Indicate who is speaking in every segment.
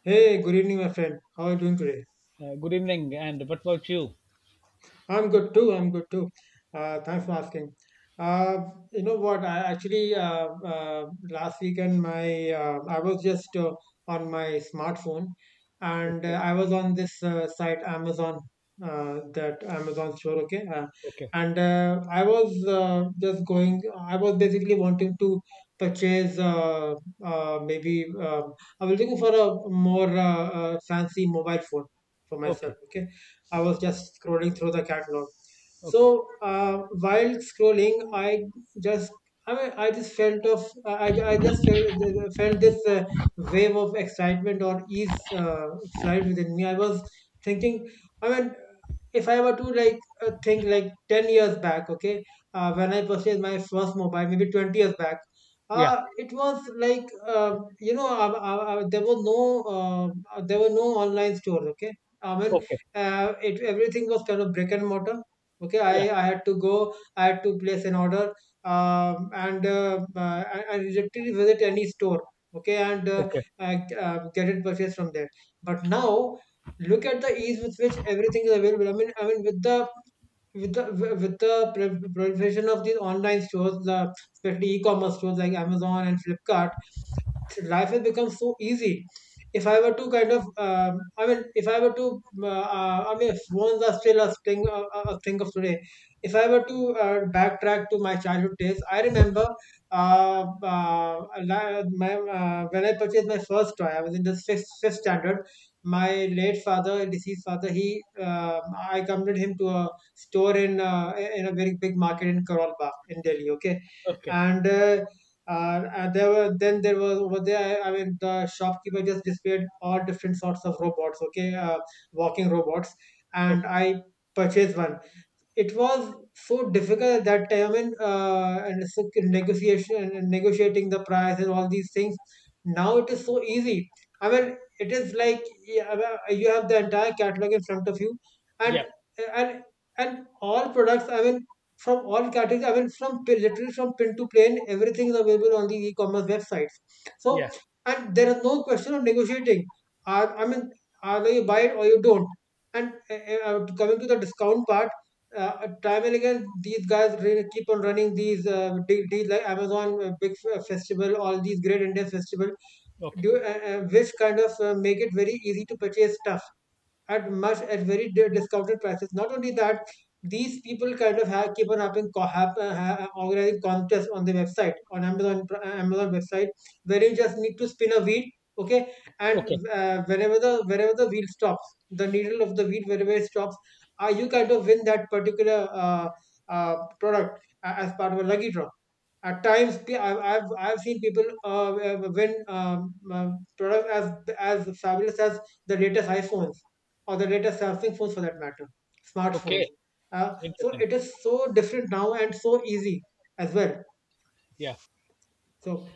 Speaker 1: Hey, good evening, my friend. How are you doing today?
Speaker 2: Good evening. And what about you?
Speaker 1: I'm good too. I'm good too. Thanks for asking. Uh, you know what? I actually last weekend my I was just on my smartphone, and
Speaker 2: Okay.
Speaker 1: I was on this site Amazon, that Amazon store. Okay.
Speaker 2: Okay.
Speaker 1: And I was just going. I was basically wanting to purchase maybe I was looking for a more fancy mobile phone for myself.
Speaker 2: Okay.
Speaker 1: Okay. I
Speaker 2: Okay.
Speaker 1: was just scrolling through the catalog.
Speaker 2: Okay.
Speaker 1: So while scrolling, I just I mean, I just felt of I just felt, felt this wave of excitement or ease slide within me. I was thinking, I mean, if I were to like think like 10 years back. Okay. When I purchased my first mobile, maybe 20 years back,
Speaker 2: Yeah.
Speaker 1: it was like there was no there were no online stores. Okay. I mean,
Speaker 2: Okay.
Speaker 1: it everything was kind of brick and mortar. Okay. i
Speaker 2: Yeah.
Speaker 1: i had to go, I had to place an order. And I literally visit any store. Okay. And
Speaker 2: Okay.
Speaker 1: get it purchased from there. But now look at the ease with which everything is available. I mean, I mean, with the with the with the proliferation of these online stores, the especially e-commerce stores like Amazon and Flipkart, life has become so easy. If I were to kind of, I mean, if I were to, I mean, phones are still a thing, a thing of today. If I were to backtrack to my childhood days, I remember uh, uh, when I purchased my first toy. I was in the fifth standard. My late father, deceased father, I accompanied him to a store in a very big market in Karol Bagh in Delhi. Okay.
Speaker 2: Okay.
Speaker 1: And and there were, then there was over there. I mean, the shopkeeper just displayed all different sorts of robots. Okay. Walking robots, and
Speaker 2: Okay.
Speaker 1: I purchased one. It was so difficult at that time, and so negotiation and negotiating the price and all these things. Now it is so easy. I mean, it is like, yeah, I mean, you have the entire catalog in front of you, and
Speaker 2: Yeah.
Speaker 1: and and all products, I mean, from all categories, I mean, from literally from pin to plane, everything is available on the e-commerce websites. So
Speaker 2: Yeah.
Speaker 1: and there is no question of negotiating. Are, I mean, either you buy it or you don't. And uh, coming to the discount part, time and again, these guys really keep on running these big deals like Amazon Big Festival, all these great Indian festival,
Speaker 2: Okay.
Speaker 1: do, which kind of make it very easy to purchase stuff at much at very discounted prices. Not only that, these people kind of keep on having co- have, ha- organizing contests on the website, on Amazon Amazon website, where you just need to spin a wheel, okay,
Speaker 2: Okay.
Speaker 1: and whenever the wherever the wheel stops, the needle of the wheel wherever it stops, you kind of win that particular product as part of a lucky draw. At times, I've seen people win products as fabulous as the latest iPhones or the latest Samsung phones for that matter, smartphones.
Speaker 2: Okay.
Speaker 1: So
Speaker 2: Interesting.
Speaker 1: it is so different now and so easy as well.
Speaker 2: Yeah.
Speaker 1: So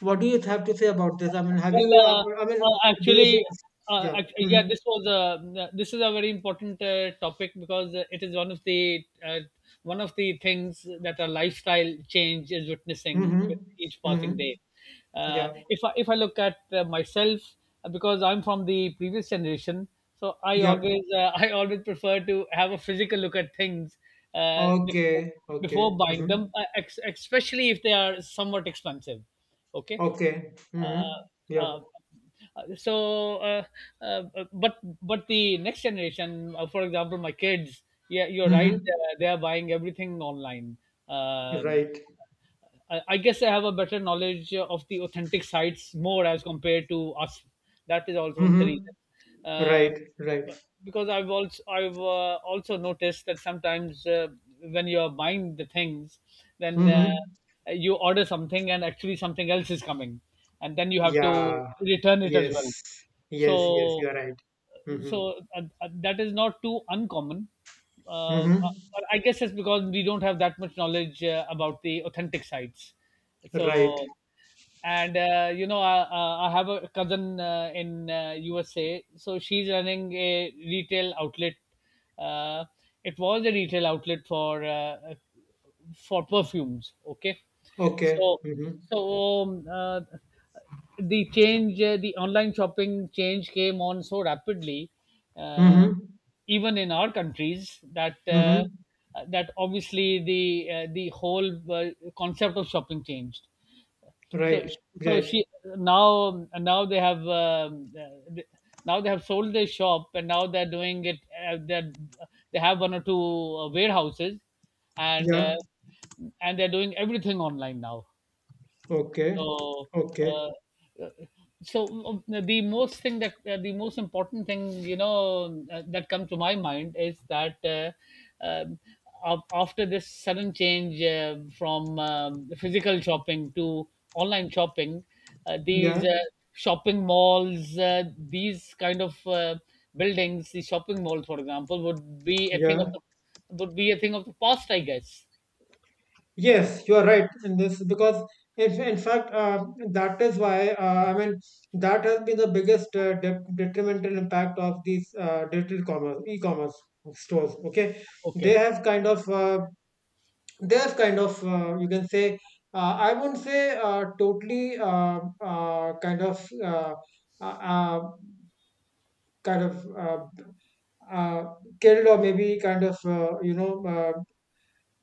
Speaker 1: what do you have to say about this? I mean, have
Speaker 2: Well,
Speaker 1: you?
Speaker 2: uh,
Speaker 1: I mean,
Speaker 2: uh,
Speaker 1: do you?
Speaker 2: actually, uh,
Speaker 1: Yeah.
Speaker 2: act-
Speaker 1: Hmm.
Speaker 2: yeah, this was a this is a very important topic because it is one of the one of the things that a lifestyle change is witnessing
Speaker 1: Hmm.
Speaker 2: with each
Speaker 1: Hmm.
Speaker 2: passing day.
Speaker 1: Yeah.
Speaker 2: If I look at myself, because I'm from the previous generation, so I
Speaker 1: Yeah.
Speaker 2: always I always prefer to have a physical look at things before,
Speaker 1: Okay.
Speaker 2: before
Speaker 1: Okay.
Speaker 2: buying
Speaker 1: Hmm.
Speaker 2: them, especially if they are somewhat expensive. Okay.
Speaker 1: Okay. Hmm.
Speaker 2: uh,
Speaker 1: Yeah.
Speaker 2: uh, uh, so uh, uh, but the next generation, for example my kids, yeah, you're right,
Speaker 1: Hmm.
Speaker 2: they are buying everything online. Um
Speaker 1: Right.
Speaker 2: I guess I have a better knowledge of the authentic sites more as compared to us. That is also one of the
Speaker 1: Hmm.
Speaker 2: reason. Uh,
Speaker 1: Right. Right.
Speaker 2: but- because I've also I've also noticed that sometimes when you are buying the things, then
Speaker 1: Hmm.
Speaker 2: you order something and actually something else is coming, and then you have to
Speaker 1: Yeah.
Speaker 2: return it as
Speaker 1: Yes.
Speaker 2: well,
Speaker 1: Yes. Yes. You
Speaker 2: so
Speaker 1: are right. Hmm.
Speaker 2: so that is not too uncommon, uh,
Speaker 1: Hmm.
Speaker 2: but I guess it's because we don't have that much knowledge about the authentic sites.
Speaker 1: Right.
Speaker 2: So and uh, I have a cousin in USA, so she's running a retail outlet. uh, it was a retail outlet for perfumes, okay.
Speaker 1: Okay.
Speaker 2: So
Speaker 1: Mm-hmm.
Speaker 2: so the change, the online shopping change came on so rapidly, uh,
Speaker 1: Mm-hmm.
Speaker 2: even in our countries, that
Speaker 1: Mm-hmm.
Speaker 2: that obviously the whole concept of shopping changed. So
Speaker 1: Right.
Speaker 2: so
Speaker 1: Right.
Speaker 2: she now, now they have now they have sold their shop and now they're doing it. They they have one or two warehouses, and uh,
Speaker 1: Yeah.
Speaker 2: and they're doing everything online now.
Speaker 1: Okay.
Speaker 2: So,
Speaker 1: Okay.
Speaker 2: uh, uh, so the most thing that the most important thing that comes to my mind is that um, after this sudden change from physical shopping to online shopping, these
Speaker 1: Yeah.
Speaker 2: shopping malls, these kind of buildings, the shopping mall, for example, would be a thing of
Speaker 1: Yeah.
Speaker 2: the would be a thing of the past, I guess.
Speaker 1: Yes, you are right in this because if in fact that is why, I mean, that has been the biggest de detrimental impact of these digital commerce, e-commerce stores. Okay. They
Speaker 2: Okay.
Speaker 1: have kind of you can say I won't say totally uh, uh, kind of uh, killed, or maybe kind of uh, you know uh,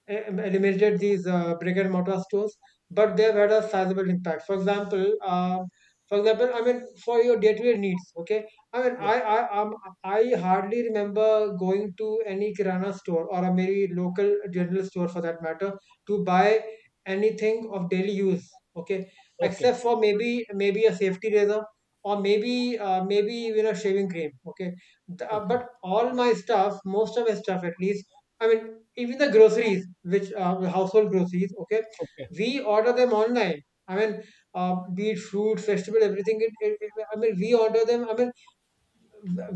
Speaker 1: em- eliminated these brick and mortar stores, but they've had a sizable impact. For example, I mean, for your day-to-day needs, okay. I mean,
Speaker 2: Yeah.
Speaker 1: I hardly remember going to any Kirana store or a maybe local general store for that matter to buy anything of daily use, okay,
Speaker 2: Okay.
Speaker 1: except for maybe a safety razor, or maybe maybe even a shaving cream, okay.
Speaker 2: Okay.
Speaker 1: But all my stuff, most of my stuff at least, I mean, even the groceries, which the household groceries, okay,
Speaker 2: Okay.
Speaker 1: we order them online. I mean, be it fruit, vegetable, everything. I mean, we order them. I mean,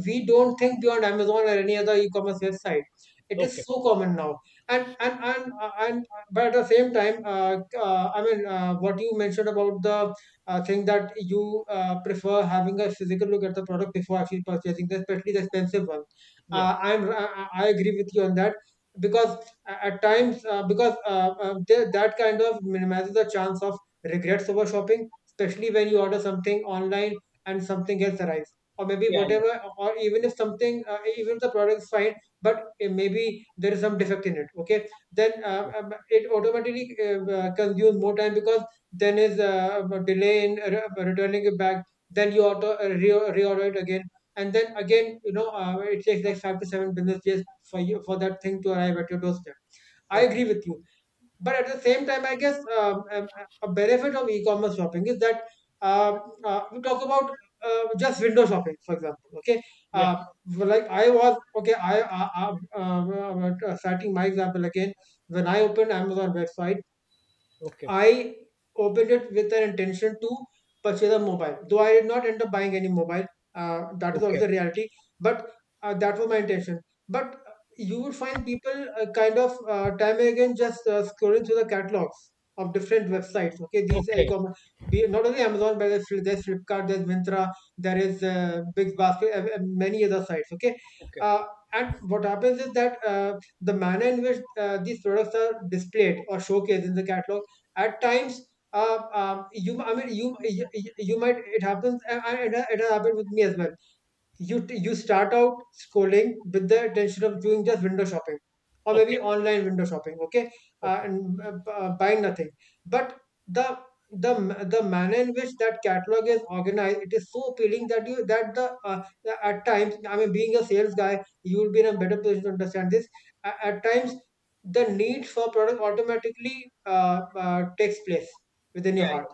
Speaker 1: we don't think beyond Amazon or any other e-commerce website. It
Speaker 2: Okay.
Speaker 1: is so common now, and but at the same time, I mean, what you mentioned about the thing that you prefer having a physical look at the product before actually purchasing, especially the expensive one.
Speaker 2: Yeah,
Speaker 1: I agree with you on that, because at times that kind of minimizes the chance of regrets over shopping, especially when you order something online and something else arrives, or maybe
Speaker 2: yeah, yeah,
Speaker 1: whatever, or even if something even if the product is fine, but maybe there is some defect in it, okay, then
Speaker 2: yeah.
Speaker 1: it automatically consumes more time, because then is a delay in returning it back, then you reorder it again, and then again, you know, it takes like 5 to 7 business days for you, for that thing to arrive at your doorstep. I
Speaker 2: Okay.
Speaker 1: agree with you, but at the same time, I guess a benefit of e-commerce shopping is that, we talk about just window shopping, for example. Okay.
Speaker 2: Yeah.
Speaker 1: uh, well, like I was, okay. I starting my example again. When I opened Amazon website,
Speaker 2: Okay.
Speaker 1: I opened it with an intention to purchase a mobile, though I did not end up buying any mobile. That is also
Speaker 2: Okay.
Speaker 1: the reality, but that was my intention. But you would find people kind of time and again just scrolling through the catalogs of different websites. Okay, these are
Speaker 2: Okay.
Speaker 1: e-commerce, be, not only Amazon, but there's Flipkart, there's Mintra, there is Big, and many other sites. Okay.
Speaker 2: Okay.
Speaker 1: uh, and what happens is that the manner in which these products are displayed or showcased in the catalog at times, you, I mean, you might, it happens, and it has happened with me as well. You you start out scrolling with the intention of doing just window shopping, or
Speaker 2: Okay.
Speaker 1: maybe online window shopping, okay,
Speaker 2: Okay.
Speaker 1: buying nothing, but the the manner in which that catalog is organized, it is so appealing that you that at times, I mean, being a sales guy, you will be in a better position to understand this. At times, the need for product automatically takes place within
Speaker 2: Yeah.
Speaker 1: your
Speaker 2: Yeah.
Speaker 1: heart,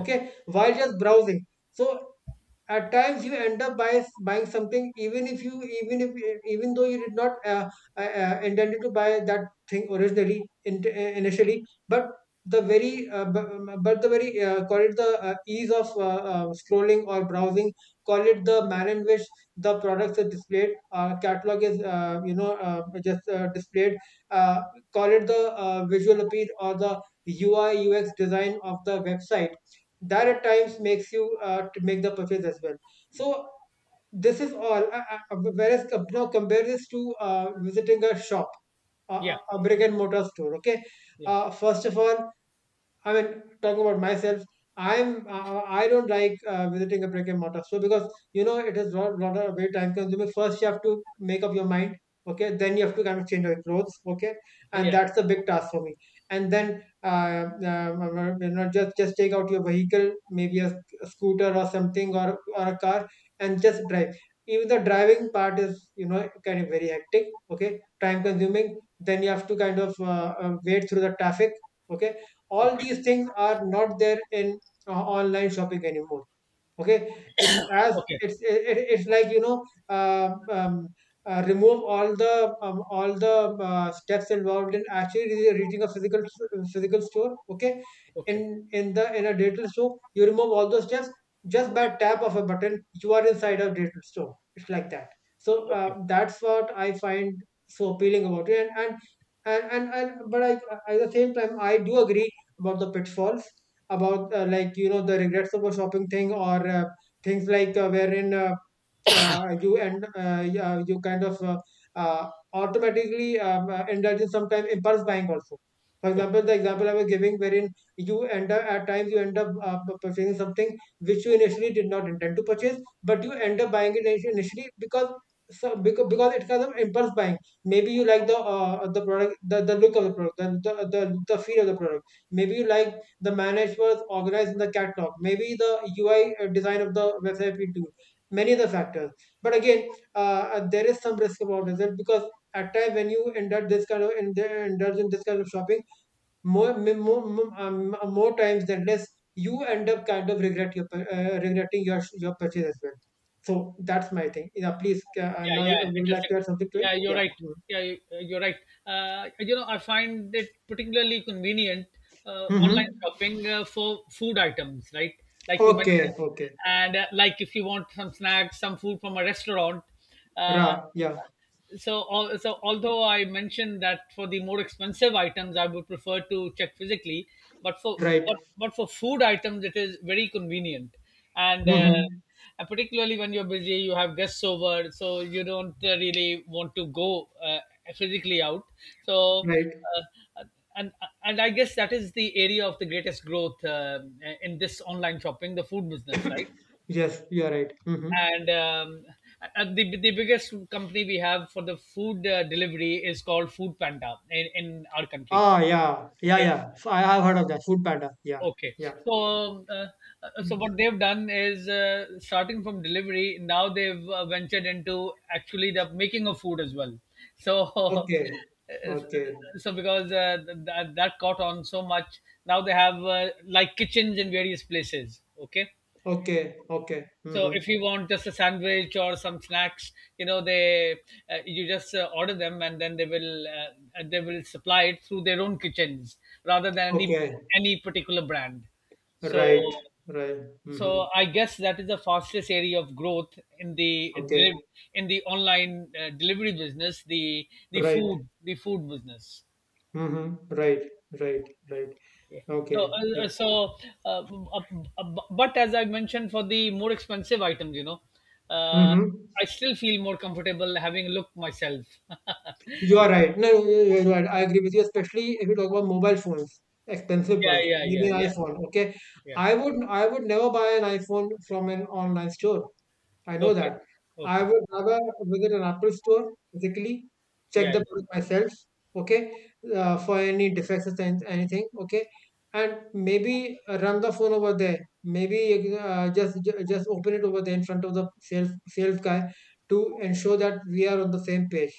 Speaker 2: Yeah.
Speaker 1: while just browsing. So at times you end up by buying something, even if you, even if, even though you did not uh, intended to buy that thing originally in, initially, but the very but the very call it the ease of scrolling or browsing, call it the manner in which the products are displayed, catalog is you know just displayed, uh, call it the visual appeal or the UI UX design of the website, that
Speaker 2: o-
Speaker 1: at times makes you to make the purchase as well. So this is all. Whereas now compare this to visiting a shop,
Speaker 2: Yeah.
Speaker 1: a brick and mortar store. Okay.
Speaker 2: Yeah.
Speaker 1: First of all, I mean, talking about myself, I don't like visiting a brick and mortar so, because, you know, it is lot of very time consuming. First, you have to make up your mind. Okay, then you have to kind of change your clothes. Okay, and
Speaker 2: Yeah.
Speaker 1: that's a big task for me. And then just take out your vehicle, maybe a scooter or something or a car, and just drive. Even the driving part is kind of very hectic. Okay, time consuming. Then you have to kind of wait through the traffic, okay, all
Speaker 2: Okay.
Speaker 1: these things are not there in uh, online shopping anymore. Okay, it's as
Speaker 2: Okay.
Speaker 1: it's it, it- it's like uh um, remove all the um, all the steps involved in actually reaching a physical store. Okay,
Speaker 2: Okay.
Speaker 1: in a digital store you remove all those steps just by tap of a button. You are inside a digital store. It's like that. So
Speaker 2: Okay.
Speaker 1: that's what I find so appealing about it, and but at the same time I do agree about the pitfalls, about like, the regrets of a shopping thing, or things like, wherein, you, and yeah, you kind of, automatically indulge in sometimes impulse buying also. For
Speaker 2: Okay.
Speaker 1: example, the example I was giving, wherein you end up at times you end up, purchasing something which you initially did not intend to purchase, but you end up buying it, initially, because it's kind of impulse buying. Maybe you like the product, the look of the product, the feel of the product. Maybe you like the manage was organized in the catalog. Maybe the UI design of the website we do, many other factors. But again, there is some risk about it, because at times when you indulge in this kind of shopping, more more more more times than less, you end up kind of regretting your purchase as well. So that's my thing. Yeah, please,
Speaker 2: Yeah.
Speaker 1: now you
Speaker 2: Yeah.
Speaker 1: would like
Speaker 2: Interesting.
Speaker 1: to add something to it.
Speaker 2: Yeah. You're
Speaker 1: Yeah.
Speaker 2: right.
Speaker 1: Mm-hmm.
Speaker 2: Yeah. You're right. You know, I find it particularly convenient, online
Speaker 1: Mm-hmm.
Speaker 2: shopping, for food items, right? Like you
Speaker 1: Okay.
Speaker 2: mentioned,
Speaker 1: Okay.
Speaker 2: and like if you want some snacks, some food from a restaurant, uh,
Speaker 1: Ra. Yeah.
Speaker 2: so although I mentioned that for the more expensive items I would prefer to check physically, but for but,
Speaker 1: Right.
Speaker 2: but for food items it is very convenient, and uh,
Speaker 1: Mm-hmm.
Speaker 2: and particularly when you're busy, you have guests over, so you don't really want to go physically out. So
Speaker 1: Right.
Speaker 2: uh, and and I guess that is the area of the greatest growth, in this online shopping, the food business, right?
Speaker 1: Yes, you are right. Mm-hmm.
Speaker 2: And the biggest company we have for the food delivery is called Food Panda in our country,
Speaker 1: Ah, yeah. Yeah,
Speaker 2: okay.
Speaker 1: yeah, so I have heard of that Food Panda. Yeah.
Speaker 2: Okay,
Speaker 1: Yeah.
Speaker 2: so so
Speaker 1: Mm.
Speaker 2: what they've done is, starting from delivery, now they've ventured into actually the making of food as well. So
Speaker 1: Okay. Okay.
Speaker 2: so because that, that caught on so much, now they have like kitchens in various places, okay.
Speaker 1: Okay. Okay.
Speaker 2: So
Speaker 1: Mm-hmm.
Speaker 2: if you want just a sandwich or some snacks, you know they you just order them and then they will supply it through their own kitchens rather than
Speaker 1: Okay.
Speaker 2: any particular brand. So
Speaker 1: Right. Right. Mm-hmm.
Speaker 2: so I guess that is the fastest area of growth in the
Speaker 1: Okay.
Speaker 2: in the online delivery business,
Speaker 1: Right.
Speaker 2: the food business.
Speaker 1: Mm-hmm. Right. Right. Right.
Speaker 2: Yeah. So,
Speaker 1: Okay. Yeah.
Speaker 2: uh, uh, uh, but as I mentioned, for the more expensive items, you know, uh,
Speaker 1: Mm-hmm.
Speaker 2: I still feel more comfortable having a look myself. yeah,
Speaker 1: You are right. No, you're right. I agree with you, especially if you talk about mobile phones, expensive
Speaker 2: yeah,
Speaker 1: ones,
Speaker 2: yeah,
Speaker 1: maybe
Speaker 2: yeah,
Speaker 1: an iPhone. Okay.
Speaker 2: yeah.
Speaker 1: I would never buy an iPhone from an online store. I know
Speaker 2: Okay,
Speaker 1: that. I
Speaker 2: okay.
Speaker 1: would rather visit an Apple store physically, check
Speaker 2: Yeah,
Speaker 1: the product
Speaker 2: yeah,
Speaker 1: myself, okay, for any defects or anything, okay, and maybe run the phone over there. Maybe just open it over there in front of the sales guy to ensure that we are on the same page,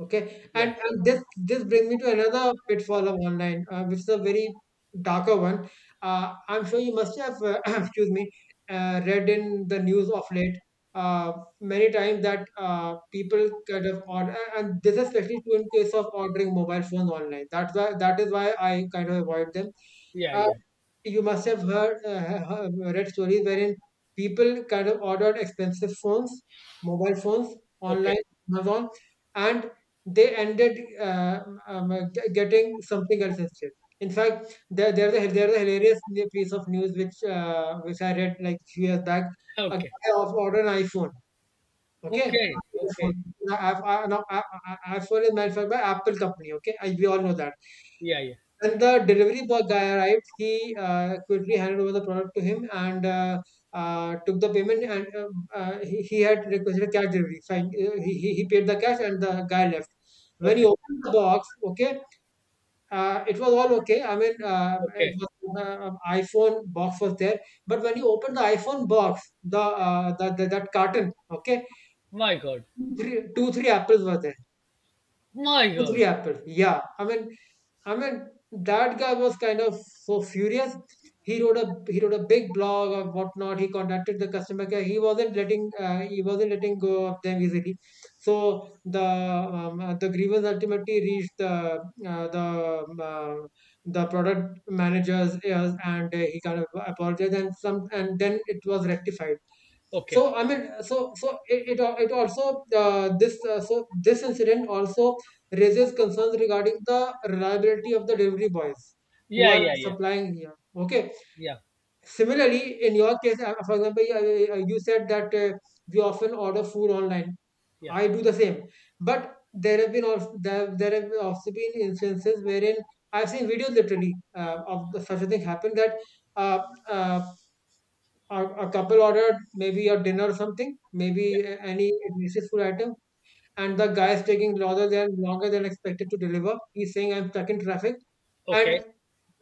Speaker 1: okay.
Speaker 2: yeah,
Speaker 1: And this brings me to another pitfall of online, which is a very darker one. I'm sure you must have, excuse me, read in the news of late, uh, many times, that people kind of order, and this is especially true in case of ordering mobile phones online. That is why I kind of avoid them.
Speaker 2: yeah,
Speaker 1: Uh,
Speaker 2: yeah.
Speaker 1: you must have heard, read stories wherein people kind of ordered expensive phones, mobile phones
Speaker 2: Okay,
Speaker 1: online, Amazon, and they ended, getting something else instead. In fact, there's a hilarious new piece of news which, which I read like few years back. A
Speaker 2: okay,
Speaker 1: guy ordered an iPhone. Okay,
Speaker 2: okay,
Speaker 1: Apple
Speaker 2: okay.
Speaker 1: phone. I've, I, no, I- iPhone is manufactured by Apple company. Okay, we all know that.
Speaker 2: Yeah, yeah.
Speaker 1: When the delivery boy guy arrived, he quickly handed over the product to him, and took the payment. And he had requested cash delivery. Fine, he paid the cash and the guy left. When he
Speaker 2: Okay,
Speaker 1: opened the box, okay, it was all okay. I mean, it
Speaker 2: okay.
Speaker 1: was iPhone box was there, but when you opened the iPhone box, the that carton, okay,
Speaker 2: My God,
Speaker 1: three, two three apples were there.
Speaker 2: my
Speaker 1: Two,
Speaker 2: God.
Speaker 1: three apples. Yeah, I mean, that guy was kind of so furious. He wrote a big blog or whatnot. He contacted the customer care. He wasn't letting go of them easily. So the grievance ultimately reached uh, the um, uh, the product manager's ears, and he kind of apologized, and some and then it was rectified. So
Speaker 2: Okay.
Speaker 1: I mean, so so it also this so this incident also raises concerns regarding the reliability of the delivery boys who
Speaker 2: Yeah,
Speaker 1: are
Speaker 2: yeah, yeah,
Speaker 1: supplying here. Okay,
Speaker 2: yeah,
Speaker 1: similarly in your case, for example, you said that we often order food online.
Speaker 2: yeah,
Speaker 1: I do the same. But there have also been instances wherein I've seen videos, literally, of the, such a thing happen, that, uh, uh, a couple ordered maybe a dinner or something,
Speaker 2: yeah.
Speaker 1: maybe any delicious food item, and the guy is taking longer than expected to deliver. He's saying, I'm stuck in traffic,
Speaker 2: Okay.
Speaker 1: and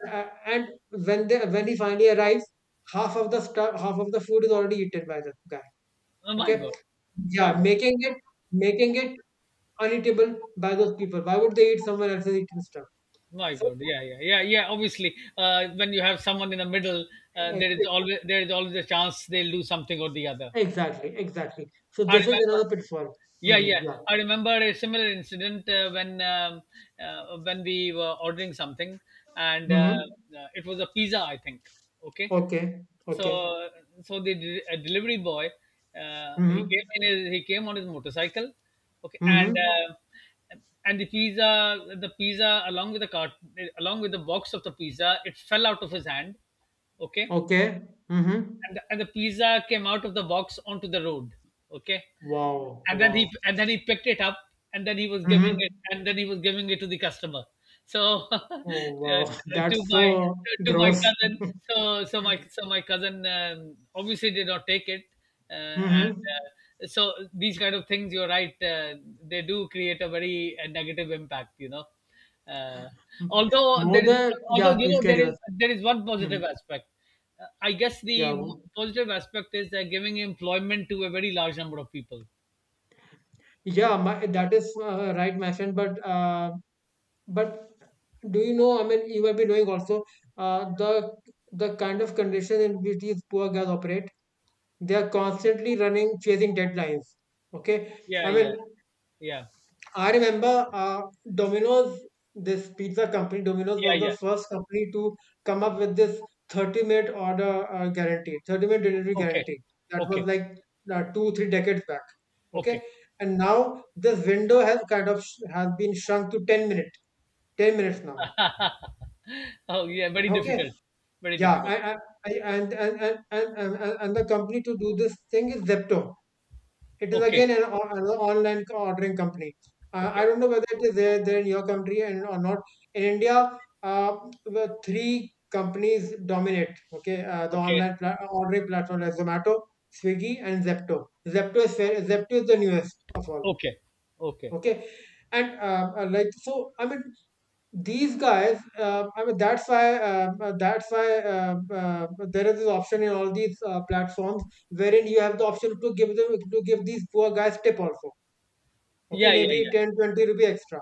Speaker 1: uh, and when they when he finally arrives, half of the food is already eaten by the guy.
Speaker 2: Oh my
Speaker 1: Okay,
Speaker 2: God, my
Speaker 1: yeah,
Speaker 2: God.
Speaker 1: making it, making it uneatable by those people. Why would they eat someone else's eaten stuff?
Speaker 2: My
Speaker 1: So
Speaker 2: God, yeah, yeah, yeah, yeah. Obviously, when you have someone in the middle,
Speaker 1: ex-
Speaker 2: there is always a chance they'll do something or the other.
Speaker 1: exactly, exactly. So
Speaker 2: I
Speaker 1: this is
Speaker 2: remember.
Speaker 1: another pitfall.
Speaker 2: Yeah,
Speaker 1: Hmm,
Speaker 2: yeah.
Speaker 1: yeah.
Speaker 2: I remember a similar incident when we were ordering something, and
Speaker 1: Hmm.
Speaker 2: it was a pizza, I think. Okay,
Speaker 1: Okay. Okay.
Speaker 2: so so the delivery boy,
Speaker 1: Mhm.
Speaker 2: he came on his motorcycle, okay,
Speaker 1: Mhm.
Speaker 2: and the pizza the pizza, along with the box of the pizza, it fell out of his hand, okay,
Speaker 1: Okay. Mhm.
Speaker 2: and the pizza came out of the box onto the road. Okay,
Speaker 1: Wow.
Speaker 2: and then
Speaker 1: Wow.
Speaker 2: he picked it up, and then he was giving
Speaker 1: Mhm.
Speaker 2: it to the customer. So
Speaker 1: Oh, wow.
Speaker 2: to
Speaker 1: That's
Speaker 2: my
Speaker 1: so
Speaker 2: to my
Speaker 1: gross.
Speaker 2: cousin, so so my so my cousin obviously did not take it, uh, and
Speaker 1: Mm-hmm.
Speaker 2: so these kind of things. You're right; they do create a very negative impact. You know, uh, although
Speaker 1: More
Speaker 2: there is
Speaker 1: than,
Speaker 2: although
Speaker 1: yeah,
Speaker 2: you
Speaker 1: please
Speaker 2: know
Speaker 1: carry on.
Speaker 2: there is one positive
Speaker 1: Mhm.
Speaker 2: aspect. I guess the
Speaker 1: Yeah.
Speaker 2: positive aspect is they're giving employment to a very large number of people.
Speaker 1: Yeah, my, that is, right, my friend. But do you know, I mean, you have been knowing also, uh, the, the kind of condition in which these poor guys operate, they are constantly running, chasing deadlines. Okay.
Speaker 2: Yeah,
Speaker 1: I mean,
Speaker 2: yeah, yeah,
Speaker 1: I remember Domino's, this pizza company. Domino's was
Speaker 2: yeah, yeah.
Speaker 1: the first company to come up with this 30-minute order, guarantee, 30-minute delivery
Speaker 2: Okay,
Speaker 1: guarantee. That was
Speaker 2: okay,
Speaker 1: like, two, three decades back. Okay.
Speaker 2: okay.
Speaker 1: And now this window has kind of has been shrunk to 10 minute, 10 minutes now.
Speaker 2: Oh, yeah, very
Speaker 1: Okay.
Speaker 2: difficult, very
Speaker 1: Yeah.
Speaker 2: difficult.
Speaker 1: And the company to do this thing is Zepto. It is
Speaker 2: Okay,
Speaker 1: again an online ordering company. I
Speaker 2: okay,
Speaker 1: don't know whether it is there in your country and or not. In India, the three companies dominate. Okay, the
Speaker 2: okay,
Speaker 1: online ordering platform, like Zomato, Swiggy, and Zepto. Zepto is fair, Zepto is the newest of all.
Speaker 2: okay, okay.
Speaker 1: Okay, and like, so, I mean, these guys, that's why, there is this option in all these platforms, wherein you have the option to give these poor guys tip also. Okay,
Speaker 2: Yeah, yeah,
Speaker 1: maybe
Speaker 2: yeah,
Speaker 1: 10, 20 rupees rupee extra,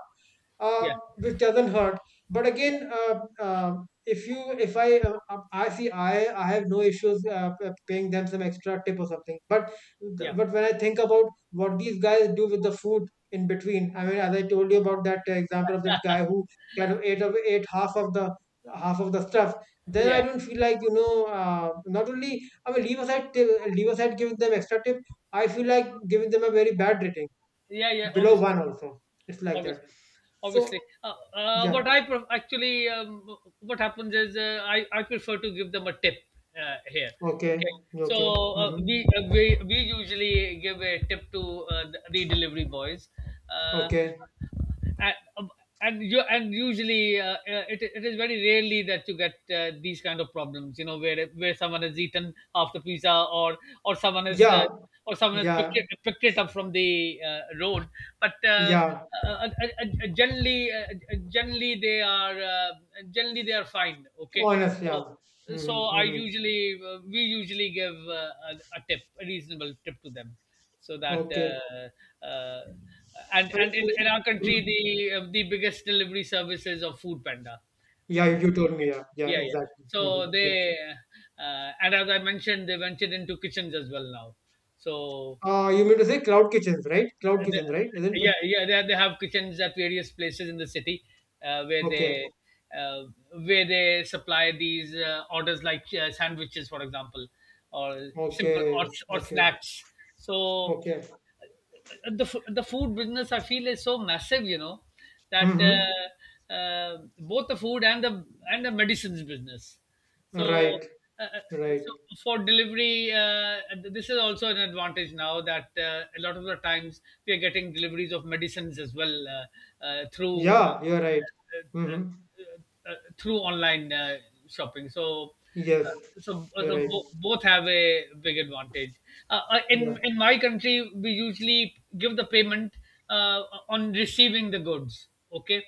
Speaker 1: uh,
Speaker 2: yeah,
Speaker 1: which doesn't hurt. But
Speaker 2: yeah,
Speaker 1: again, if I, I see, I have no issues, paying them some extra tip or something. But
Speaker 2: yeah,
Speaker 1: but when I think about what these guys do with the food in between, I mean, as I told you about that, example of that guy who kind of ate half of the stuff, then I
Speaker 2: yeah,
Speaker 1: don't feel like, not only, I mean, leave aside tip, leave aside giving them extra tip, I feel like giving them a very bad rating,
Speaker 2: yeah, yeah.
Speaker 1: below
Speaker 2: Obviously,
Speaker 1: one also. It's like that.
Speaker 2: obviously,
Speaker 1: So
Speaker 2: obviously,
Speaker 1: yeah.
Speaker 2: what I actually, what happens is, I prefer to give them a tip here,
Speaker 1: Okay.
Speaker 2: okay. So
Speaker 1: Okay. Mm-hmm.
Speaker 2: we, we we usually give a tip to the delivery boys, uh,
Speaker 1: Okay.
Speaker 2: and um, and, and usually it, it is very rarely that you get these kind of problems, you know, where someone has eaten half the pizza, or someone has uh,
Speaker 1: Yeah.
Speaker 2: or someone has
Speaker 1: Yeah.
Speaker 2: picked it up from the road. But
Speaker 1: Yeah.
Speaker 2: uh, uh, generally generally they are fine, okay.
Speaker 1: Honest. Yeah.
Speaker 2: So so
Speaker 1: Mm-hmm.
Speaker 2: I
Speaker 1: Mm-hmm.
Speaker 2: usually we usually give a tip, a reasonable tip to them, so that
Speaker 1: Okay. And
Speaker 2: and
Speaker 1: he-
Speaker 2: in our country the biggest delivery service is of Food Panda.
Speaker 1: Yeah.
Speaker 2: Um,
Speaker 1: You told me. Yeah. Yeah.
Speaker 2: yeah, yeah.
Speaker 1: Exactly. Mm-hmm.
Speaker 2: So
Speaker 1: Yeah.
Speaker 2: they and as I mentioned, they ventured into kitchens as well now. So
Speaker 1: You mean to say cloud kitchens, right? Cloud
Speaker 2: the,
Speaker 1: kitchens, right? Isn't
Speaker 2: yeah,
Speaker 1: it?
Speaker 2: yeah, they have kitchens at various places in the city, uh, where
Speaker 1: Okay.
Speaker 2: they uh, where they supply these orders like sandwiches, for example, or simple
Speaker 1: Okay.
Speaker 2: or
Speaker 1: Okay.
Speaker 2: snacks. So
Speaker 1: Okay.
Speaker 2: the the food business, I feel, is so massive, you know, that
Speaker 1: Mm-hmm.
Speaker 2: both the food and the medicines business. So,
Speaker 1: Right.
Speaker 2: uh, uh,
Speaker 1: Right.
Speaker 2: so for delivery, this is also an advantage now that a lot of the times we are getting deliveries of medicines as well, uh, uh, through. Uh,
Speaker 1: Yeah. You're right. Mm-hmm.
Speaker 2: through online shopping. So
Speaker 1: Yes.
Speaker 2: so,
Speaker 1: You're
Speaker 2: so
Speaker 1: right.
Speaker 2: both have a big advantage.
Speaker 1: Yeah.
Speaker 2: In my country, we usually give the payment uh, on receiving the goods. Okay,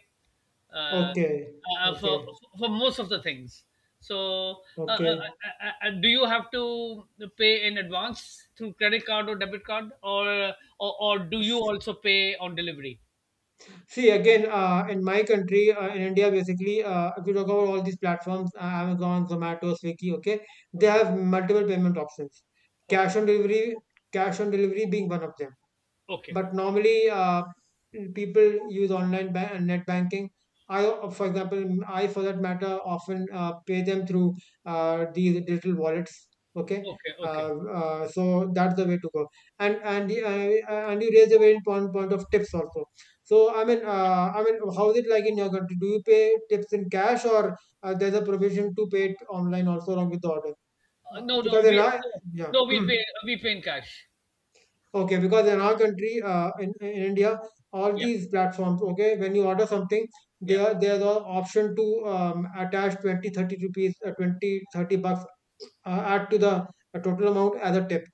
Speaker 2: uh,
Speaker 1: Okay.
Speaker 2: uh, for
Speaker 1: Okay.
Speaker 2: for most of the things. So,
Speaker 1: Okay.
Speaker 2: do you have to pay in advance through credit card or debit card, or do you also pay on delivery?
Speaker 1: See again, in my country, in India, basically, if you talk about all these platforms, Amazon, Zomato, Swiggy, okay, they
Speaker 2: Okay,
Speaker 1: have multiple payment options.
Speaker 2: okay,
Speaker 1: Cash on delivery, being one of them.
Speaker 2: okay,
Speaker 1: But normally, people use and net banking. I, for example, I for that matter often pay them through these digital wallets. Okay.
Speaker 2: okay, okay.
Speaker 1: uh, so that's the way to go. And you raise a very important point of tips also. So I mean, how is it like in your country? Do you pay tips in cash, or there's a provision to pay it online also along with the order?
Speaker 2: Uh, no, no,
Speaker 1: Because in
Speaker 2: we no,
Speaker 1: yeah.
Speaker 2: no, we pay in cash.
Speaker 1: Okay, because in our country, in India, all
Speaker 2: Yeah,
Speaker 1: these platforms, okay, when you order something,
Speaker 2: yeah.
Speaker 1: there's an option to attach 20-30 rupees, 20-30 bucks, add to the total amount as a tip,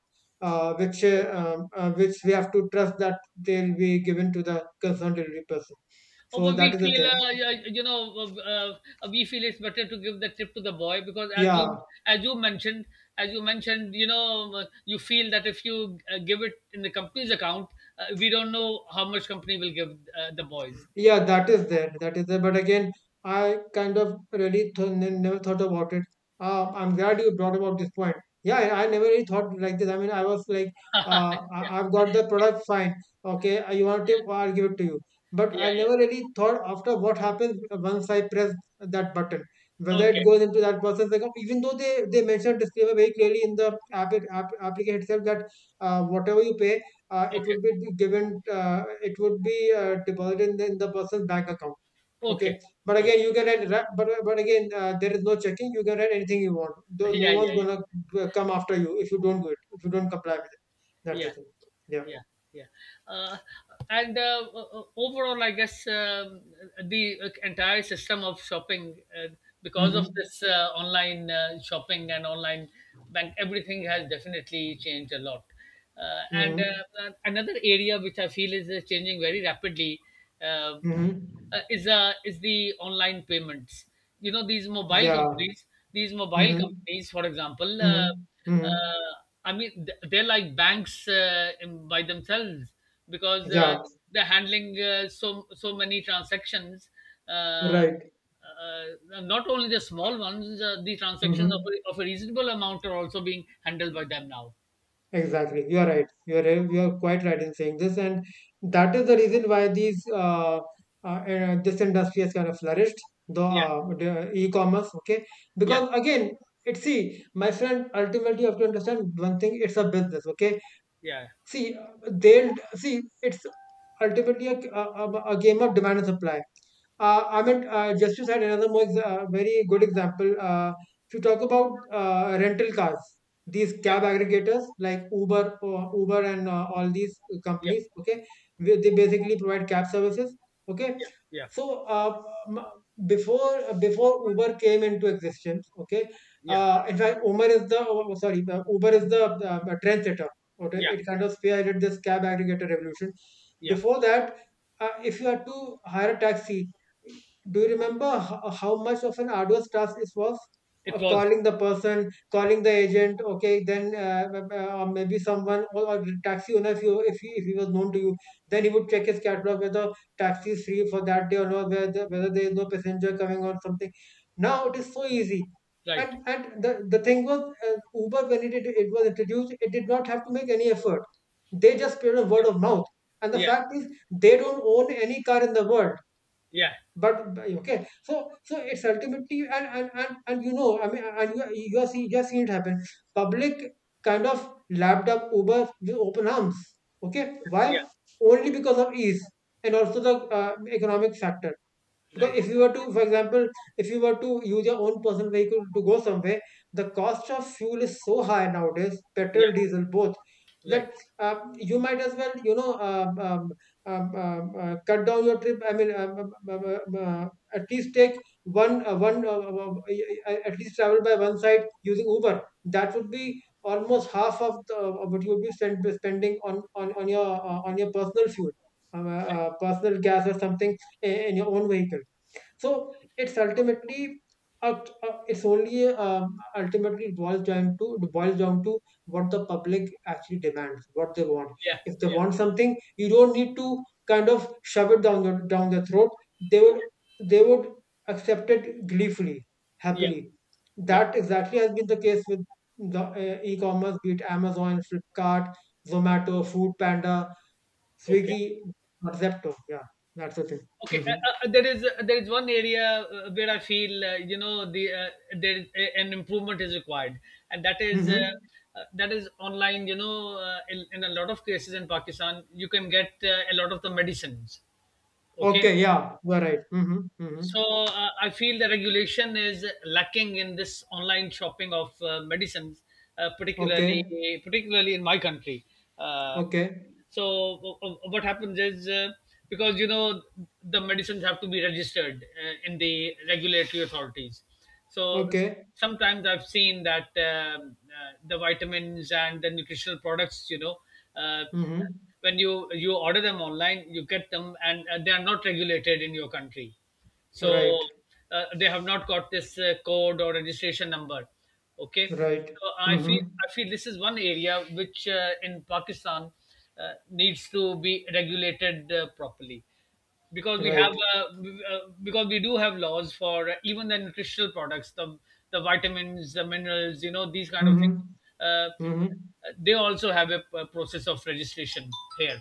Speaker 2: Okay.
Speaker 1: which we have to trust that they'll be given to the concerned delivery person.
Speaker 2: Oh,
Speaker 1: So
Speaker 2: but we
Speaker 1: that is the
Speaker 2: feel,
Speaker 1: thing.
Speaker 2: you know, we feel it's better to give the tip to the boy because,
Speaker 1: Yeah,
Speaker 2: as you mentioned, as you mentioned, you know, you feel that if you give it in the company's account, we don't know how much company will give the boys.
Speaker 1: yeah, that is there. That is there. But again, I kind of never thought about it. I'm glad you brought about this point. Yeah, I never really thought like this. I mean, I was like,
Speaker 2: Yeah,
Speaker 1: I've got the product, fine. Okay, you want it, I'll give it to you. But I
Speaker 2: yeah, yeah.
Speaker 1: never really thought after what happens once I press that button, whether it
Speaker 2: Okay,
Speaker 1: goes into that person's account. Even though they mentioned disclaimer very clearly in the app, app application itself that whatever you pay it
Speaker 2: okay,
Speaker 1: would be given, it would be deposited in the person's bank account. Okay,
Speaker 2: okay,
Speaker 1: but
Speaker 2: okay.
Speaker 1: again you can write, but again, there is no checking. You can write anything you want. Though no
Speaker 2: Yeah, yeah,
Speaker 1: one's
Speaker 2: yeah,
Speaker 1: gonna come after you if you don't do it, if you don't comply with it. That's the
Speaker 2: yeah.
Speaker 1: thing. Yeah.
Speaker 2: Yeah, yeah. uh, and overall I guess, the entire system of shopping, because
Speaker 1: Mm-hmm.
Speaker 2: of this online shopping and online bank, everything has definitely changed a lot, and
Speaker 1: Mm-hmm.
Speaker 2: another area which I feel is changing very rapidly, uh,
Speaker 1: Mm-hmm.
Speaker 2: is the online payments. You know these mobile
Speaker 1: Yeah.
Speaker 2: companies, these mobile
Speaker 1: Mm-hmm.
Speaker 2: companies for example,
Speaker 1: Mm-hmm. Mm-hmm.
Speaker 2: uh, I mean, they're like banks by themselves, because
Speaker 1: Yeah.
Speaker 2: they're handling so so many transactions. Uh,
Speaker 1: Right.
Speaker 2: uh, not only the small ones, the transactions of
Speaker 1: Mm-hmm.
Speaker 2: a reasonable amount are also being handled by them now.
Speaker 1: Exactly, you are right. You are quite right in saying this, and that is the reason why these this industry has kind of flourished,
Speaker 2: Yeah,
Speaker 1: the e-commerce. Okay,
Speaker 2: yeah,
Speaker 1: because again, it see, my friend, ultimately you have to understand one thing: it's a business. Okay,
Speaker 2: yeah,
Speaker 1: see, they'll see. It's ultimately a game of demand and supply. Just to cite another very good example, if you talk about rental cars, these cab
Speaker 2: yeah,
Speaker 1: aggregators like Uber, or Uber, and all these
Speaker 2: yeah,
Speaker 1: companies, okay, where they basically provide cab services, okay.
Speaker 2: yeah,
Speaker 1: So m- before Uber came into existence, okay,
Speaker 2: yeah,
Speaker 1: in fact, Uber is the Uber is the trendsetter. Okay,
Speaker 2: yeah,
Speaker 1: it kind of spearheaded this cab aggregator revolution.
Speaker 2: yeah.
Speaker 1: Before that, if you had to hire a taxi, do you remember how much of an arduous task it was?
Speaker 2: It was
Speaker 1: Calling the person, calling the agent. Okay, then or maybe someone, or the taxi owner, if he was known to you, then he would check his catalog whether taxi is free for that day or not, whether there is no passenger coming or something. Now it is so easy.
Speaker 2: right.
Speaker 1: And the thing was, Uber when it was introduced, it did not have to make any effort. They just spread a word of mouth. And the
Speaker 2: Yeah,
Speaker 1: fact is, they don't own any car in the world.
Speaker 2: yeah,
Speaker 1: Okay, so, so it's ultimately and you know, I mean, you are seeing it happen. Public kind of lapped up Uber with open arms. Okay, why?
Speaker 2: yeah,
Speaker 1: Only because of ease, and also the economic factor.
Speaker 2: right.
Speaker 1: Because if you were to, for example, if you were to use your own personal vehicle to go somewhere, the cost of fuel is so high nowadays,
Speaker 2: Yeah,
Speaker 1: petrol, diesel, both,
Speaker 2: right,
Speaker 1: that you might as well, you know, cut down your trip. I mean, at least take one, at least travel by one side using Uber. That would be almost half of, the, of what you would be spending on your personal fuel,
Speaker 2: right.
Speaker 1: personal gas or something in your own vehicle. So it's ultimately it's only ultimately it boils down to, what the public actually demands, what they want.
Speaker 2: Yeah,
Speaker 1: If they
Speaker 2: yeah,
Speaker 1: want something, you don't need to kind of shove it down your down their throat. They would,
Speaker 2: yeah,
Speaker 1: they would accept it gleefully,
Speaker 2: yeah,
Speaker 1: happily.
Speaker 2: yeah.
Speaker 1: That exactly has been the case with the e-commerce, be it Amazon, Flipkart, Zomato, Food Panda,
Speaker 2: Okay.
Speaker 1: Swiggy, or Zepto. Yeah, that's the thing.
Speaker 2: Okay.
Speaker 1: Hmm.
Speaker 2: There is one area where I feel, there is an improvement is required, and
Speaker 1: Hmm.
Speaker 2: that is online. In a lot of cases in Pakistan you can get a lot of the medicines, okay.
Speaker 1: Okay, yeah, you are right. Mm-hmm, mm-hmm.
Speaker 2: So I feel the regulation is lacking in this online shopping of medicines, uh,
Speaker 1: Okay,
Speaker 2: particularly particularly in my country. Uh,
Speaker 1: okay,
Speaker 2: so what happens is, because you know, the medicines have to be registered in the regulatory authorities. So s-
Speaker 1: okay.
Speaker 2: Sometimes I've seen that the vitamins and the nutritional products, you know, uh,
Speaker 1: Mm-hmm.
Speaker 2: when you order them online, you get them, and they are not regulated in your country, so
Speaker 1: Right,
Speaker 2: they have not got this code or registration number, okay.
Speaker 1: right.
Speaker 2: So I
Speaker 1: Mm-hmm.
Speaker 2: feel, I feel this is one area which, in Pakistan, needs to be regulated properly, because we have,
Speaker 1: Right.
Speaker 2: because we do have laws for, even the nutritional products, the vitamins, the minerals, you know, these kind of things.
Speaker 1: Mm-hmm.
Speaker 2: uh,
Speaker 1: Mm-hmm.
Speaker 2: they also have a process of registration here.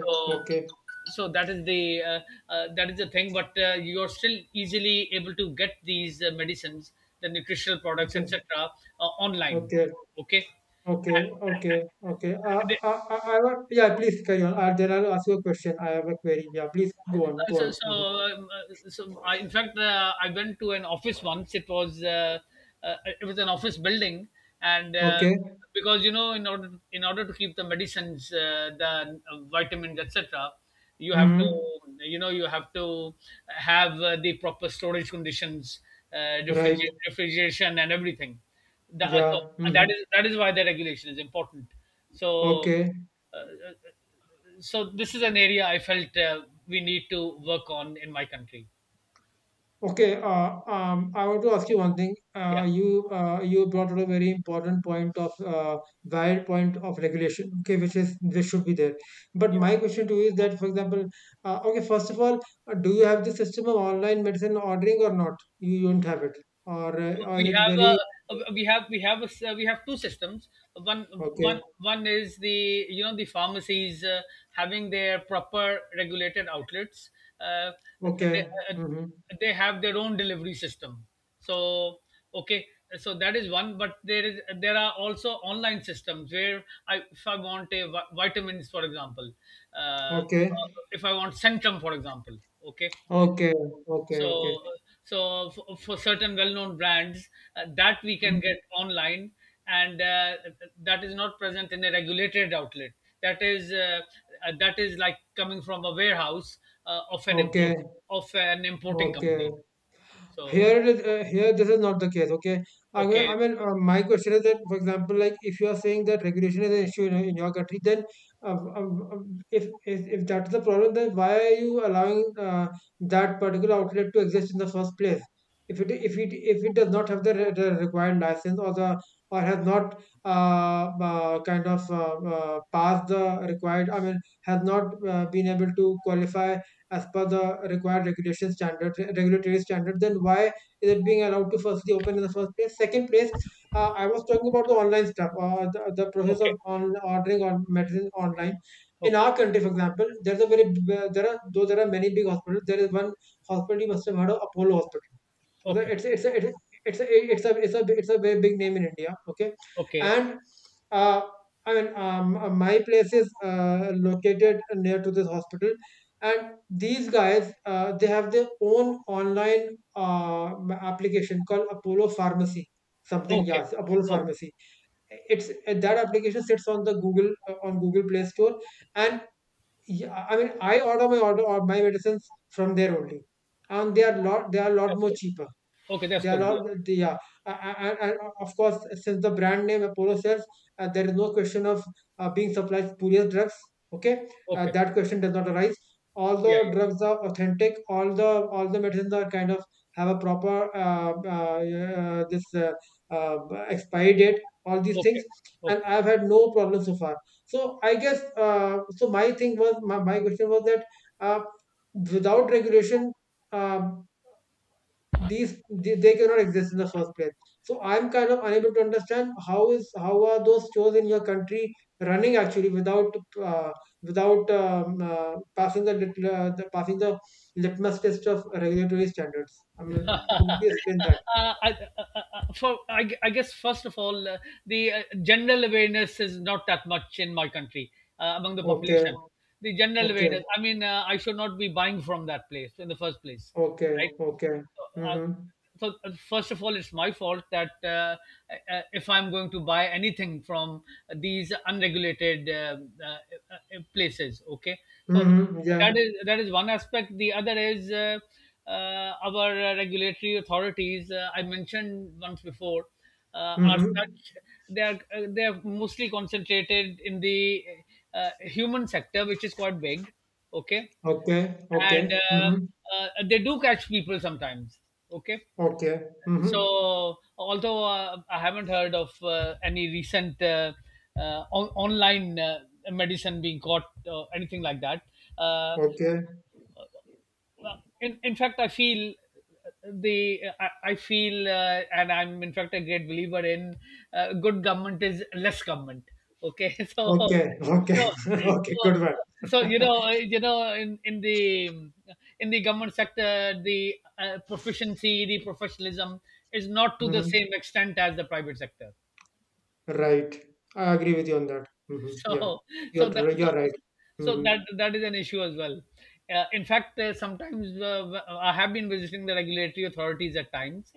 Speaker 2: So
Speaker 1: okay,
Speaker 2: so that is the, that is the thing, but you're still easily able to get these medicines, the nutritional products,
Speaker 1: okay,
Speaker 2: etc., online,
Speaker 1: okay,
Speaker 2: okay.
Speaker 1: okay, okay, okay. I want, yeah, please carry on. Then I'll ask you a question. I have a query. Yeah, please go on,
Speaker 2: Uh,
Speaker 1: go on.
Speaker 2: so so,
Speaker 1: Mm-hmm.
Speaker 2: um, uh, so I, in fact, I went to an office once. It was an office building, and
Speaker 1: Okay.
Speaker 2: because you know, in order to keep the medicines, the vitamins, etc., you have
Speaker 1: Mm-hmm.
Speaker 2: to, you know, you have to have the proper storage conditions,
Speaker 1: Right.
Speaker 2: refrigeration, and everything. The, so
Speaker 1: Yeah.
Speaker 2: That
Speaker 1: Mm-hmm.
Speaker 2: is why the regulation is important. So
Speaker 1: Okay.
Speaker 2: so this is an area I felt we need to work on in my country.
Speaker 1: Okay, I want to ask you one thing.
Speaker 2: Yeah,
Speaker 1: You brought out a very important point of valid point of regulation. Okay, which is this should be there. But
Speaker 2: yeah.
Speaker 1: my question to you is that, for example, okay, first of all, do you have the system of online medicine ordering or not? You don't have it,
Speaker 2: So
Speaker 1: or is
Speaker 2: We
Speaker 1: it
Speaker 2: have
Speaker 1: very
Speaker 2: a we have a we have two systems. One one
Speaker 1: okay?
Speaker 2: one is the, you know, the pharmacies having their proper regulated outlets. Uh, they,
Speaker 1: Okay.
Speaker 2: uh,
Speaker 1: Mm-hmm.
Speaker 2: they have their own delivery system. So okay, so that is one. But there is, there are also online systems where I, if I want a vitamins for example, uh,
Speaker 1: Okay.
Speaker 2: if I want Centrum for example, okay.
Speaker 1: Okay. Okay. Okay.
Speaker 2: So so for certain well-known brands, that we can
Speaker 1: Mhm.
Speaker 2: get online, and that is not present in a regulated outlet, that is uh, that is like coming from a warehouse of an
Speaker 1: Okay.
Speaker 2: import of an importing company,
Speaker 1: Okay.
Speaker 2: so
Speaker 1: Here it is. Here this is not the case. Okay. I mean,
Speaker 2: okay,
Speaker 1: I mean uh, my question is that, for example, like if you are saying that regulation is an issue in your country, then uh, uh, uh, if, if that's the problem, then why are you allowing that particular outlet to exist in the first place? If it does not have the, the required license or the, or has not kind of passed the required, I mean, has not been able to qualify as per the required regulatory standards, then why is it being allowed to firstly open in the first place? Second place, I was talking about the online stuff, or the process
Speaker 2: okay,
Speaker 1: of on ordering on medicine online. In
Speaker 2: okay,
Speaker 1: our country, for example, there's a there are, though there are many big hospitals. There is one hospital you must have heard of, Apollo Hospital. Okay,
Speaker 2: okay,
Speaker 1: it's a, it's a, it's a, it's a, it's a, it's a very big name in India. Okay,
Speaker 2: okay,
Speaker 1: and uh, my place is located near to this hospital, and these guys they have their own online application called Apollo Pharmacy, something.
Speaker 2: okay,
Speaker 1: Yes, Apollo Pharmacy. It's that application sits on the Google on Google Play Store, and yeah, I mean, I order my order or my medicines from there only, and they are
Speaker 2: okay,
Speaker 1: lot
Speaker 2: that's
Speaker 1: more
Speaker 2: good,
Speaker 1: cheaper.
Speaker 2: okay, that's
Speaker 1: They are
Speaker 2: good, yeah,
Speaker 1: all the Yeah, and of course, since the brand name Apollo sells, there is no question of being supplied spurious drugs. Okay,
Speaker 2: okay,
Speaker 1: that question does not arise. All
Speaker 2: yeah,
Speaker 1: the
Speaker 2: yeah,
Speaker 1: drugs are authentic. All the medicines are kind of have a proper this uh, expiry date. All these
Speaker 2: okay,
Speaker 1: things, and
Speaker 2: okay.
Speaker 1: I've had no problem so far. So I guess, My thing was, my question was that uh, without regulation. Um, these, they cannot exist in the first place. So I'm kind of unable to understand how is, how are those shows in your country running actually without uh, without passing the, passing the litmus test of regulatory standards. I mean, could you explain
Speaker 2: uh,
Speaker 1: that?
Speaker 2: I, uh, I guess first of all, the general awareness is not that much in my country, among the
Speaker 1: Okay.
Speaker 2: population. The general
Speaker 1: Okay.
Speaker 2: awareness. I mean, I should not be buying from that place in the first place,
Speaker 1: Okay.
Speaker 2: right?
Speaker 1: Okay.
Speaker 2: uh,
Speaker 1: Mm-hmm.
Speaker 2: so first of all, it's my fault that, if I'm going to buy anything from these unregulated places, okay. So
Speaker 1: Mm-hmm.
Speaker 2: that
Speaker 1: Yeah.
Speaker 2: is, one aspect. The other is, our regulatory authorities, I mentioned once before, are
Speaker 1: Mm-hmm.
Speaker 2: such, they are, they are mostly concentrated in the human sector, which is quite big, okay.
Speaker 1: Okay, okay.
Speaker 2: And
Speaker 1: Mm-hmm.
Speaker 2: they do catch people sometimes. Okay,
Speaker 1: Okay. Mm-hmm.
Speaker 2: so although I haven't heard of any recent online medicine being caught or anything like that, uh,
Speaker 1: Okay,
Speaker 2: well, in fact I feel, the I feel, and I'm in fact a great believer in good government is less government, okay. So
Speaker 1: okay. Okay,
Speaker 2: so
Speaker 1: okay,
Speaker 2: so
Speaker 1: good one.
Speaker 2: so, you know, you know, in the government sector, the proficiency, the professionalism is not to the
Speaker 1: Hmm.
Speaker 2: same extent as the private sector.
Speaker 1: Right. I agree with you on that. Hmm. Yeah.
Speaker 2: So, so that so,
Speaker 1: You're right.
Speaker 2: so
Speaker 1: Hmm.
Speaker 2: that that is an issue as well. In fact, sometimes I have been visiting the regulatory authorities at times,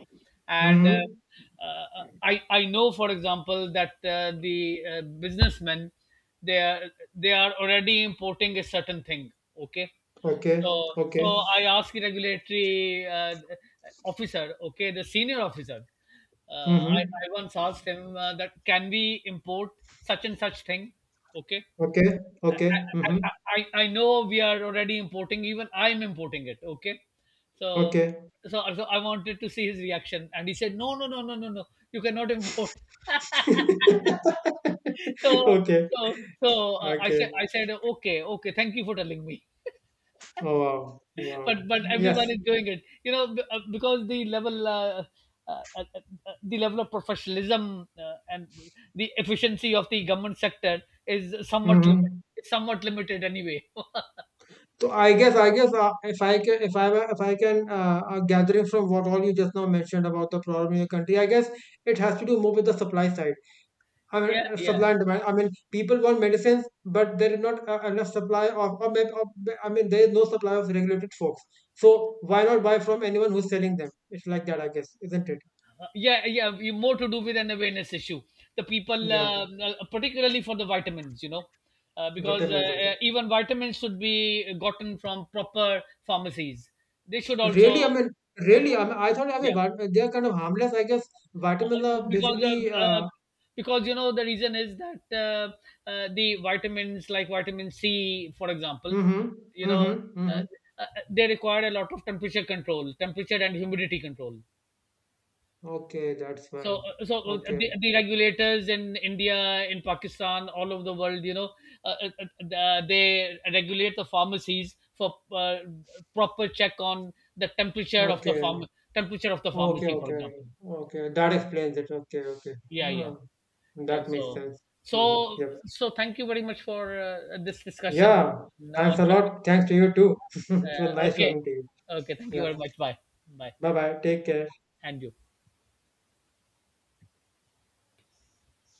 Speaker 2: and
Speaker 1: Hmm.
Speaker 2: I know, for example, that the businessmen, they are already importing a certain thing. Okay, so,
Speaker 1: Okay. Okay.
Speaker 2: so I asked the regulatory officer, okay, the senior officer. Uh,
Speaker 1: Hmm.
Speaker 2: I once asked him, that can we import such and such thing? Okay,
Speaker 1: Okay. Okay.
Speaker 2: I, I,
Speaker 1: Hmm.
Speaker 2: I, I I know we are already importing. Even I'm importing it. Okay, so
Speaker 1: Okay.
Speaker 2: so so I wanted to see his reaction, and he said, no, no, no, no, no, no, you cannot import. So
Speaker 1: Okay.
Speaker 2: so so I
Speaker 1: Okay.
Speaker 2: said, okay, okay, thank you for telling me.
Speaker 1: Oh, wow. Wow.
Speaker 2: But everyone
Speaker 1: Yes.
Speaker 2: is doing it, you know, because the level, uh, uh, uh, the level of professionalism and the efficiency of the government sector is somewhat
Speaker 1: Hmm.
Speaker 2: limited. It's somewhat limited anyway.
Speaker 1: So I guess, I guess, if I can, if I can, gathering from what all you just now mentioned about the problem in your country, I guess it has to do more with the supply side. I
Speaker 2: Yeah,
Speaker 1: mean,
Speaker 2: yeah.
Speaker 1: supply and demand. I mean, people want medicines, but there is not enough supply of, or I mean, there is no supply of regulated folks. So why not buy from anyone who's selling them? It's like that, I guess, isn't it?
Speaker 2: Yeah, yeah, more to do with an awareness issue. The people,
Speaker 1: Yeah,
Speaker 2: particularly for the vitamins, you know, because
Speaker 1: vitamins. Okay.
Speaker 2: even vitamins should be gotten from proper pharmacies, they should also,
Speaker 1: Really, I mean, really, I mean, I thought, I mean,
Speaker 2: yeah,
Speaker 1: they are kind of harmless, I guess. Vitamins are
Speaker 2: because of,
Speaker 1: basically.
Speaker 2: because you know, the reason is that, the vitamins like vitamin C, for example,
Speaker 1: Mm-hmm,
Speaker 2: you know,
Speaker 1: mm-hmm, mm-hmm.
Speaker 2: they require a lot of temperature control, temperature and humidity control.
Speaker 1: Okay, that's
Speaker 2: So,
Speaker 1: fine. Okay,
Speaker 2: the regulators in India, in Pakistan, all over the world, you know, they regulate the pharmacies for proper check on the temperature of the
Speaker 1: okay.
Speaker 2: pharma, temperature of the
Speaker 1: Okay,
Speaker 2: pharmacy, for
Speaker 1: okay,
Speaker 2: example.
Speaker 1: okay. That explains it. Okay, okay.
Speaker 2: Yeah, yeah.
Speaker 1: Ah,
Speaker 2: Yeah,
Speaker 1: that makes
Speaker 2: so
Speaker 1: sense. Mm-hmm.
Speaker 2: so
Speaker 1: Yep.
Speaker 2: so thank you very much for this discussion
Speaker 1: Yeah. Thanks
Speaker 2: on
Speaker 1: a
Speaker 2: shopping.
Speaker 1: lot. Thanks to you too. It was nice
Speaker 2: Okay,
Speaker 1: talking to you.
Speaker 2: okay, thank you
Speaker 1: Yeah.
Speaker 2: very much. Bye, bye,
Speaker 1: Bye bye. Take care.
Speaker 2: and you.